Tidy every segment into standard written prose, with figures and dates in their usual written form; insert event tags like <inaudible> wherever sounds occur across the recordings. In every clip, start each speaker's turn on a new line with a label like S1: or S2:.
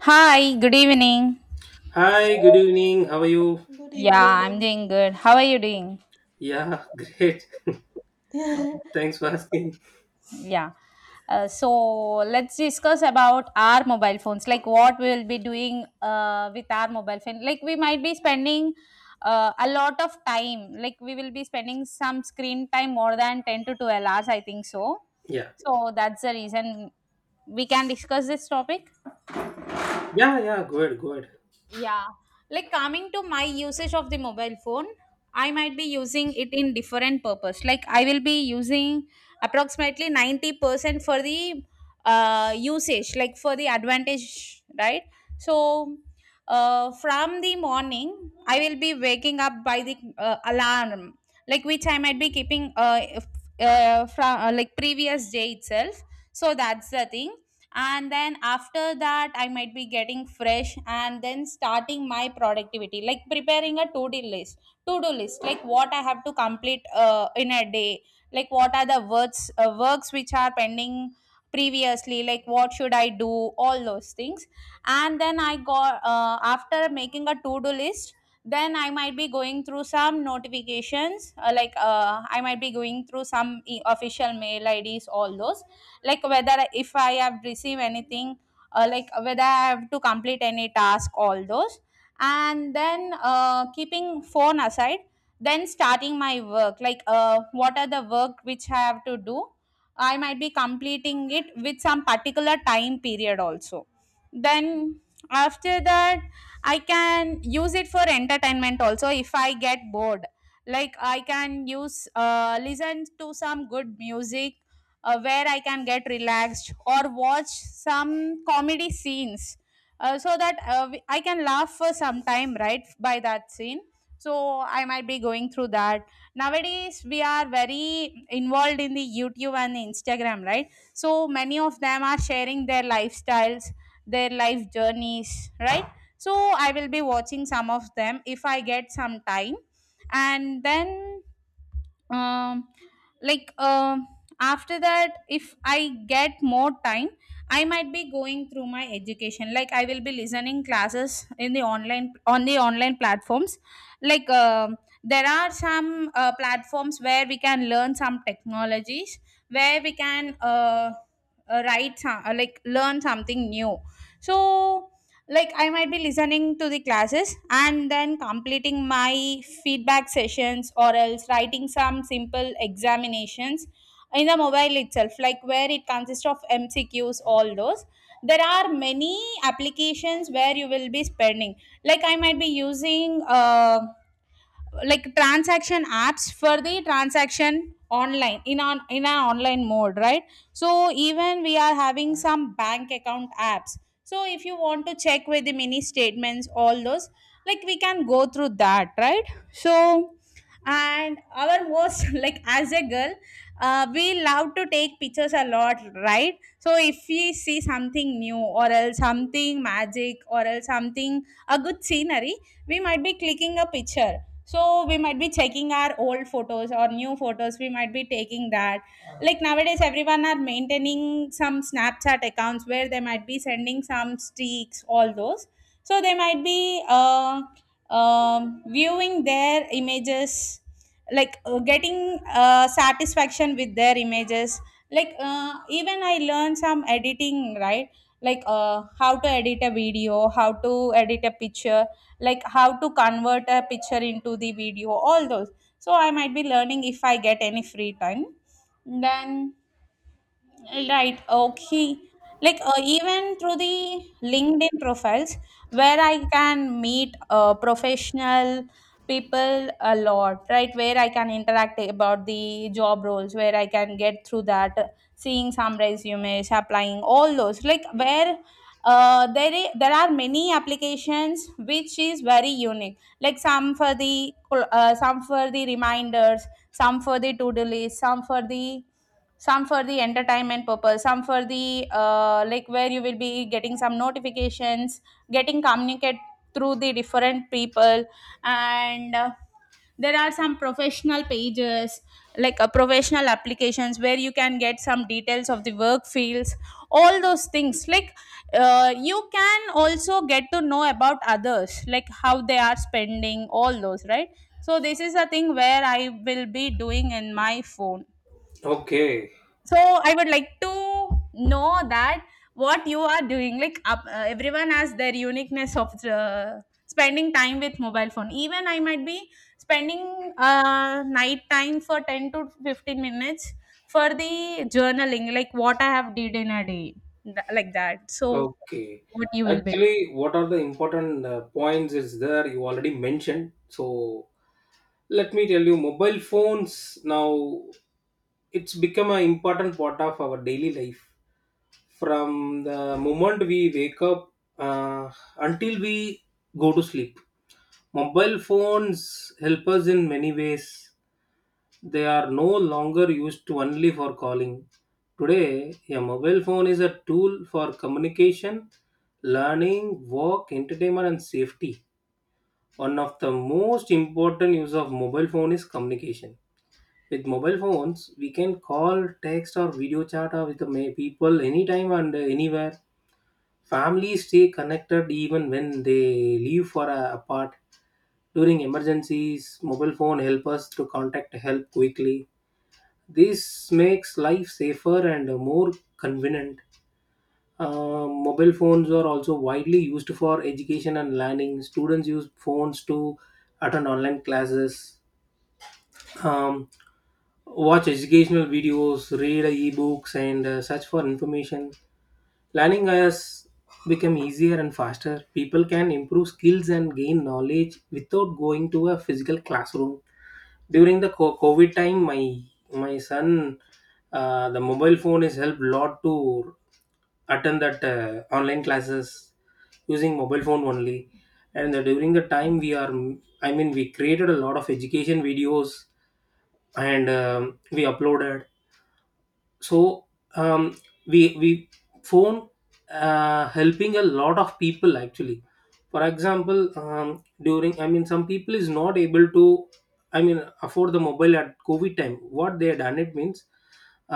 S1: Hi, good evening.
S2: Hi, good evening. How are you?
S3: Good
S1: Yeah, I'm
S3: evening.
S1: doing good. How are you doing?
S2: Yeah, <laughs> great.
S3: <laughs> I
S2: Thanks for asking.
S1: Yeah. So let's discuss about our mobile phones, like what we will be doing with our mobile phone. Like we might be spending a lot of time, like we will be spending some screen time more than 10 to 12 hours, I think so.
S2: Yeah.
S1: So that's the reason we can discuss this topic.
S2: Yeah, yeah, good, good.
S1: Yeah, like coming to my usage of the mobile phone, I might be using it in different purpose. Like I will be using approximately 90% for the usage, like for the advantage, right? So from the morning, I will be waking up by the alarm, like which I might be keeping from like previous day itself. So that's the thing, and then after that I might be getting fresh and then starting my productivity, like preparing a to do list. To do list like what I have to complete in a day, like what are the works works which are pending previously, like what should I do, all those things. And then I got after making a to do list, then I might be going through some notifications, I might be going through some official mail ids, all those, like whether if I have received anything, like whether I have to complete any task, all those. And then keeping phone aside, then starting my work, like what are the work which I have to do. I might be completing it with some particular time period also. Then after that, I can use it for entertainment also if I get bored. Like I can use listen to some good music where I can get relaxed, or watch some comedy scenes, so that I can laugh for some time, right, by that scene. So I might be going through that. Nowadays, we are very involved in the YouTube and the Instagram, right? So many of them are sharing their lifestyles, their life journeys, right? So I will be watching some of them if I get some time. And then um like um after that if I get more time, I might be going through my education, like I will be listening classes in the online, on the online platforms. Like there are some platforms where we can learn some technologies, where we can write some, like learn something new. So like I might be listening to the classes and then completing my feedback sessions, or else writing some simple examinations in the mobile itself, like where it consists of mcqs, all those. There are many applications where you will be spending, like I might be using like transaction apps for the transaction online, in an online mode, right? So even we are having some bank account apps, so if you want to check with the mini statements, all those, like we can go through that, right? So, and our most <laughs> like as a girl, we love to take pictures a lot, right? So if we see something new, or else something magic, or else something, a good scenery, we might be clicking a picture. So we might be checking our old photos or new photos, we might be taking that. Like nowadays everyone are maintaining some snapchat accounts where they might be sending some streaks, all those. So they might be viewing their images, like getting satisfaction with their images. Like even I learned some editing, right? Like how to edit a video, how to edit a picture, like how to convert a picture into the video, all those. So I might be learning if I get any free time. Then right. Okay. Like even through the LinkedIn profiles, where I can meet professional people a lot, right? Where I can interact about the job roles, where I can get through that, seeing some resumes, applying, all those. Like there are many applications which is very unique. Like some for the reminders, some for the to do list, some for the entertainment purpose, some for the like where you will be getting some notifications, getting communicate through the different people. And there are some professional pages, like a professional applications where you can get some details of the work fields, all those things. Like you can also get to know about others, like how they are spending, all those, right? So this is a thing where I will be doing in my phone.
S2: Okay.
S1: So I would like to know that what you are doing. Like up, everyone has their uniqueness of spending time with mobile phone. Even I might be spending night time for 10 to 15 minutes for the journaling, like what I have did in a day. Like that. So
S2: Okay.
S1: what you will be.
S2: Actually, what are the important points is there you already mentioned. So, let me tell you mobile phones now it's become an important part of our daily life from the moment we wake up, uh, until we go to sleep. Mobile phones help us in many ways. They are no longer used only for calling. Today, a mobile phone is a tool for communication, learning, work, entertainment, and safety. One of the most important use of mobile phone is communication. With mobile phones, we can call, text, or video chat or with the people anytime and anywhere. Families stay connected even when they leave for a apart. During emergencies, mobile phone help us to contact help quickly. This makes life safer and more convenient. Mobile phones are also widely used for education and learning. Students use phones to attend online classes, um, watch educational videos, read ebooks, and search for information. Learning has become easier and faster. People can improve skills and gain knowledge without going to a physical classroom. During the covid time, my son, the mobile phone has helped lot to attend that online classes using mobile phone only. And during the time we are, I mean, we created a lot of education videos, and um, we uploaded. So, um, we phone, helping a lot of people actually. For example, during, I mean, some people is not able to, I mean, afford the mobile at covid time. What they have done, it means,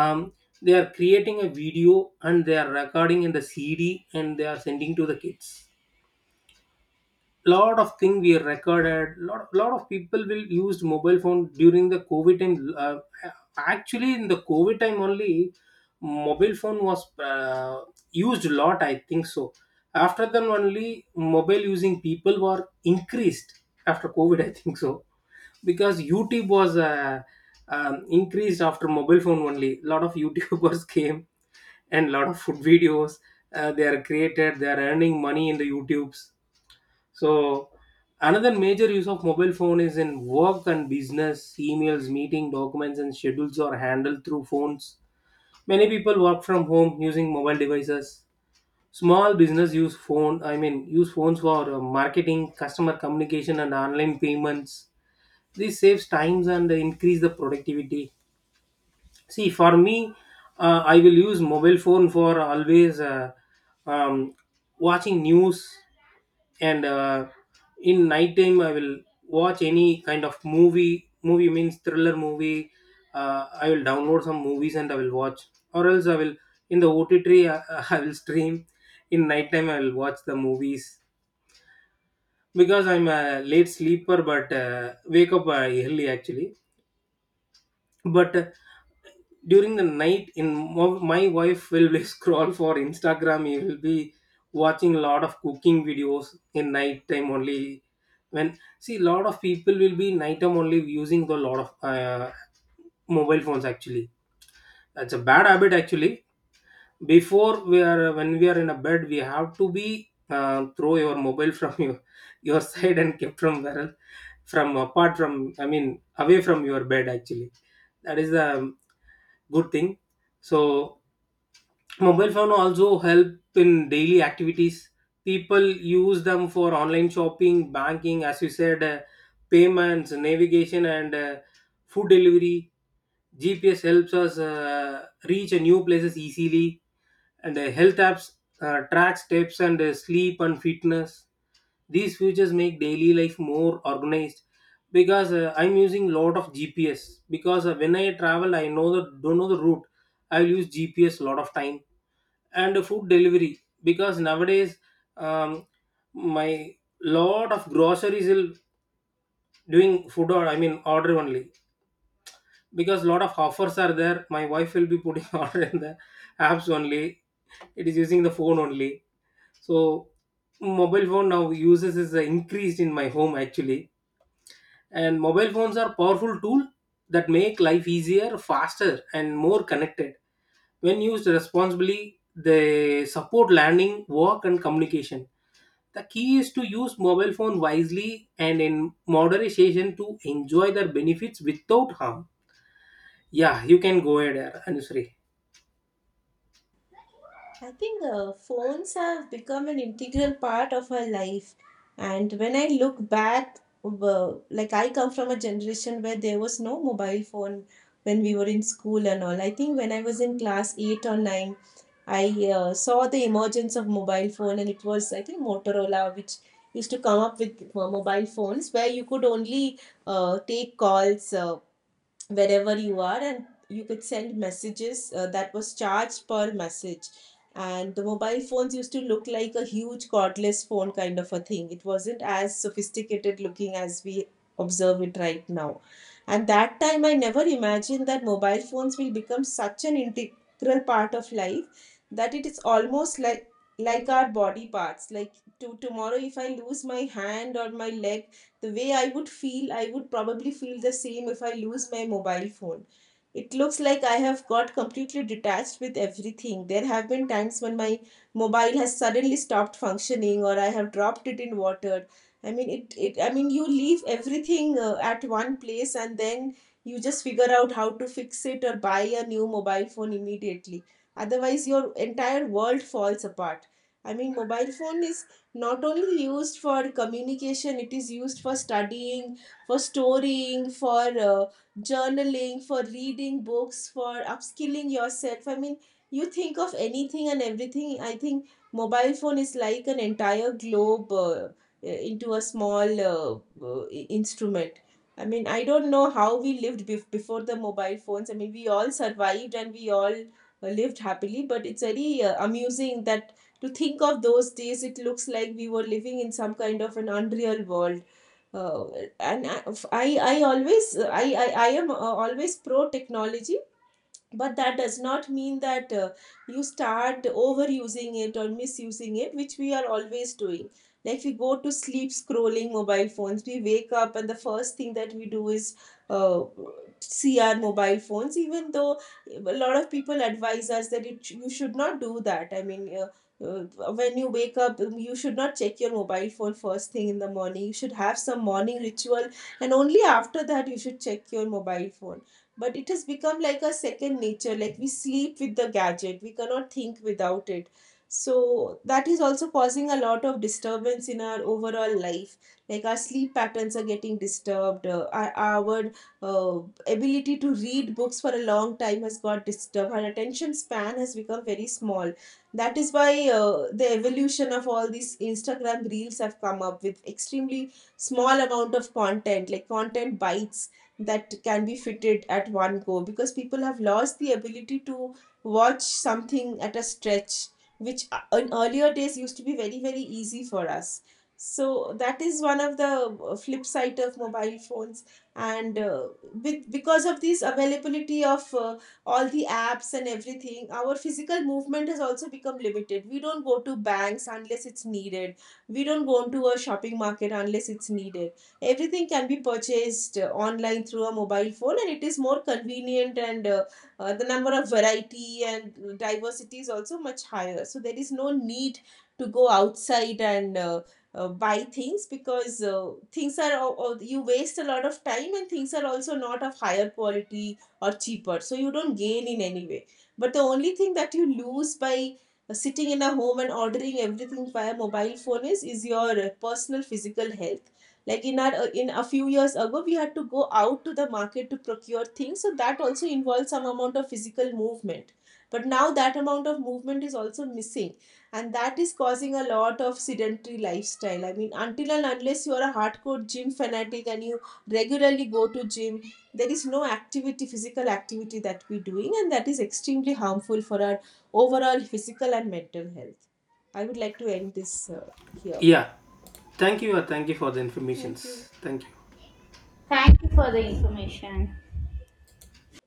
S2: um, they are creating a video and they are recording in the cd and they are sending to the kids. Lot of thing we recorded, lot of people will used mobile phone during the covid time. Actually in the covid time only mobile phone was used a lot, I think so. After then only mobile using people were increased after covid, <laughs> I think so, because youtube was increased after mobile phone only. A lot of youtubers <laughs> came, and lot of food videos, they are created, they are earning money in the youtubes. So another major use of mobile phone is in work and business. Emails, meeting documents, and schedules are handled through phones. Many people work from home using mobile devices. Small business use phone. I mean, use phones for marketing, customer communication, and online payments. This saves times and increase the productivity. See, for me, I will use mobile phone for always, um, watching news. And in night time I will watch any kind of movie. Movie means thriller movie. I will download some movies and I will watch, or else I will in the OTT I, <laughs> I will stream. In night time I will watch the movies because I'm a late sleeper, but wake up early actually. But during the night in my wife will be <laughs> scroll for instagram, he will be watching a lot of cooking videos in night time only. When, see, lot of people will be night time only using the lot of mobile phones actually. That's a bad habit actually. Before we are, when we are in a bed, we have to be throw your mobile <laughs> from your side and kept from where, from apart from, I mean, away from your bed actually. That is the good thing. So mobile phone also help in daily activities. People use them for online shopping, banking, as you said, payments, navigation, and food delivery. GPS helps us reach a new places easily, and health apps track steps and sleep and fitness. These features make daily life more organized, because I'm using lot of GPS because when I travel I know the don't know the route. I'll use GPS lot of time. And food delivery, because nowadays, um, my lot of groceries will doing food, or I mean order only, because lot of offers are there. My wife will be putting <laughs> order in the apps only. It is using the phone only. So mobile phone now uses is increased in my home actually. And mobile phones are powerful tool that make life easier, faster, and more connected. When used responsibly, they support learning, work, and communication. The key is to use mobile phone wisely and in moderation to enjoy their benefits without harm. Yeah, you can go ahead, Anusri.
S3: think phones have become an integral part of our life. And when I look back, I come from a generation where there was no mobile phone when we were in school and all. I think when I was in class 8 or 9, I saw the emergence of mobile phone, and it was, I think, Motorola, which used to come up with mobile phones where you could only take calls. Wherever you are, and you could send messages, that was charged per message. And the mobile phones used to look like a huge cordless phone kind of a thing. It wasn't as sophisticated looking as we observe it right now, and that time I never imagined that mobile phones will become such an integral part of life that it is almost like our body parts. Like to tomorrow, if I lose my hand or my leg, the way I would feel, I would probably feel the same if I lose my mobile phone. It looks like I have got completely detached with everything. There have been times when my mobile has suddenly stopped functioning or I have dropped it in water. I mean, it I mean, you leave everything at one place, and then you just figure out how to fix it or buy a new mobile phone immediately. Otherwise, your entire world falls apart. I mean, mobile phone is not only used for communication, it is used for studying, for storying, for journaling, for reading books, for upskilling yourself. I mean, you think of anything and everything. I think mobile phone is like an entire globe, into a small uh, instrument. I mean, I don't know how we lived before the mobile phones. I mean, we all survived and we all lived happily, but it's very amusing that to think of those days, it looks like we were living in some kind of an unreal world. Uh, and i i I always, I am always pro technology, but that does not mean that you start overusing it or misusing it, which we are always doing. Like we go to sleep scrolling mobile phones, we wake up, and the first thing that we do is uh, see our mobile phones, even though a lot of people advise us that it, you should not do that. I mean, uh, when you wake up, you should not check your mobile phone first thing in the morning. You should have some morning ritual, and only after that you should check your mobile phone. But it has become like a second nature. Like we sleep with the gadget, we cannot think without it. So that is also causing a lot of disturbance in our overall life. Like our sleep patterns are getting disturbed, our ability to read books for a long time has got disturbed, our attention span has become very small. That is why the evolution of all these Instagram reels have come up with extremely small amount of content, like content bites that can be fitted at one go, because people have lost the ability to watch something at a stretch, which in earlier days used to be very, very easy for us. So that is one of the flip side of mobile phones. And because of this availability of all the apps and everything, our physical movement has also become limited. We don't go to banks unless it's needed, we don't go to a shopping market unless it's needed. Everything can be purchased online through a mobile phone, and it is more convenient, and the number of variety and diversity is also much higher. So there is no need to go outside and buy things, because you waste a lot of time and things are also not of higher quality or cheaper, so you don't gain in any way. But the only thing that you lose by sitting in a home and ordering everything via mobile phone is your personal physical health. Like in our in a few years ago, we had to go out to the market to procure things, so that also involves some amount of physical movement. But now that amount of movement is also missing, and that is causing a lot of sedentary lifestyle. I mean, until and unless you are a hardcore gym fanatic and you regularly go to gym, there is no activity, physical activity that we're doing, and that is extremely harmful for our overall physical and mental health. I would like to end this here.
S2: Yeah, thank you, thank you for the
S3: Thank you.
S2: informations, thank you.
S1: Thank you for the information.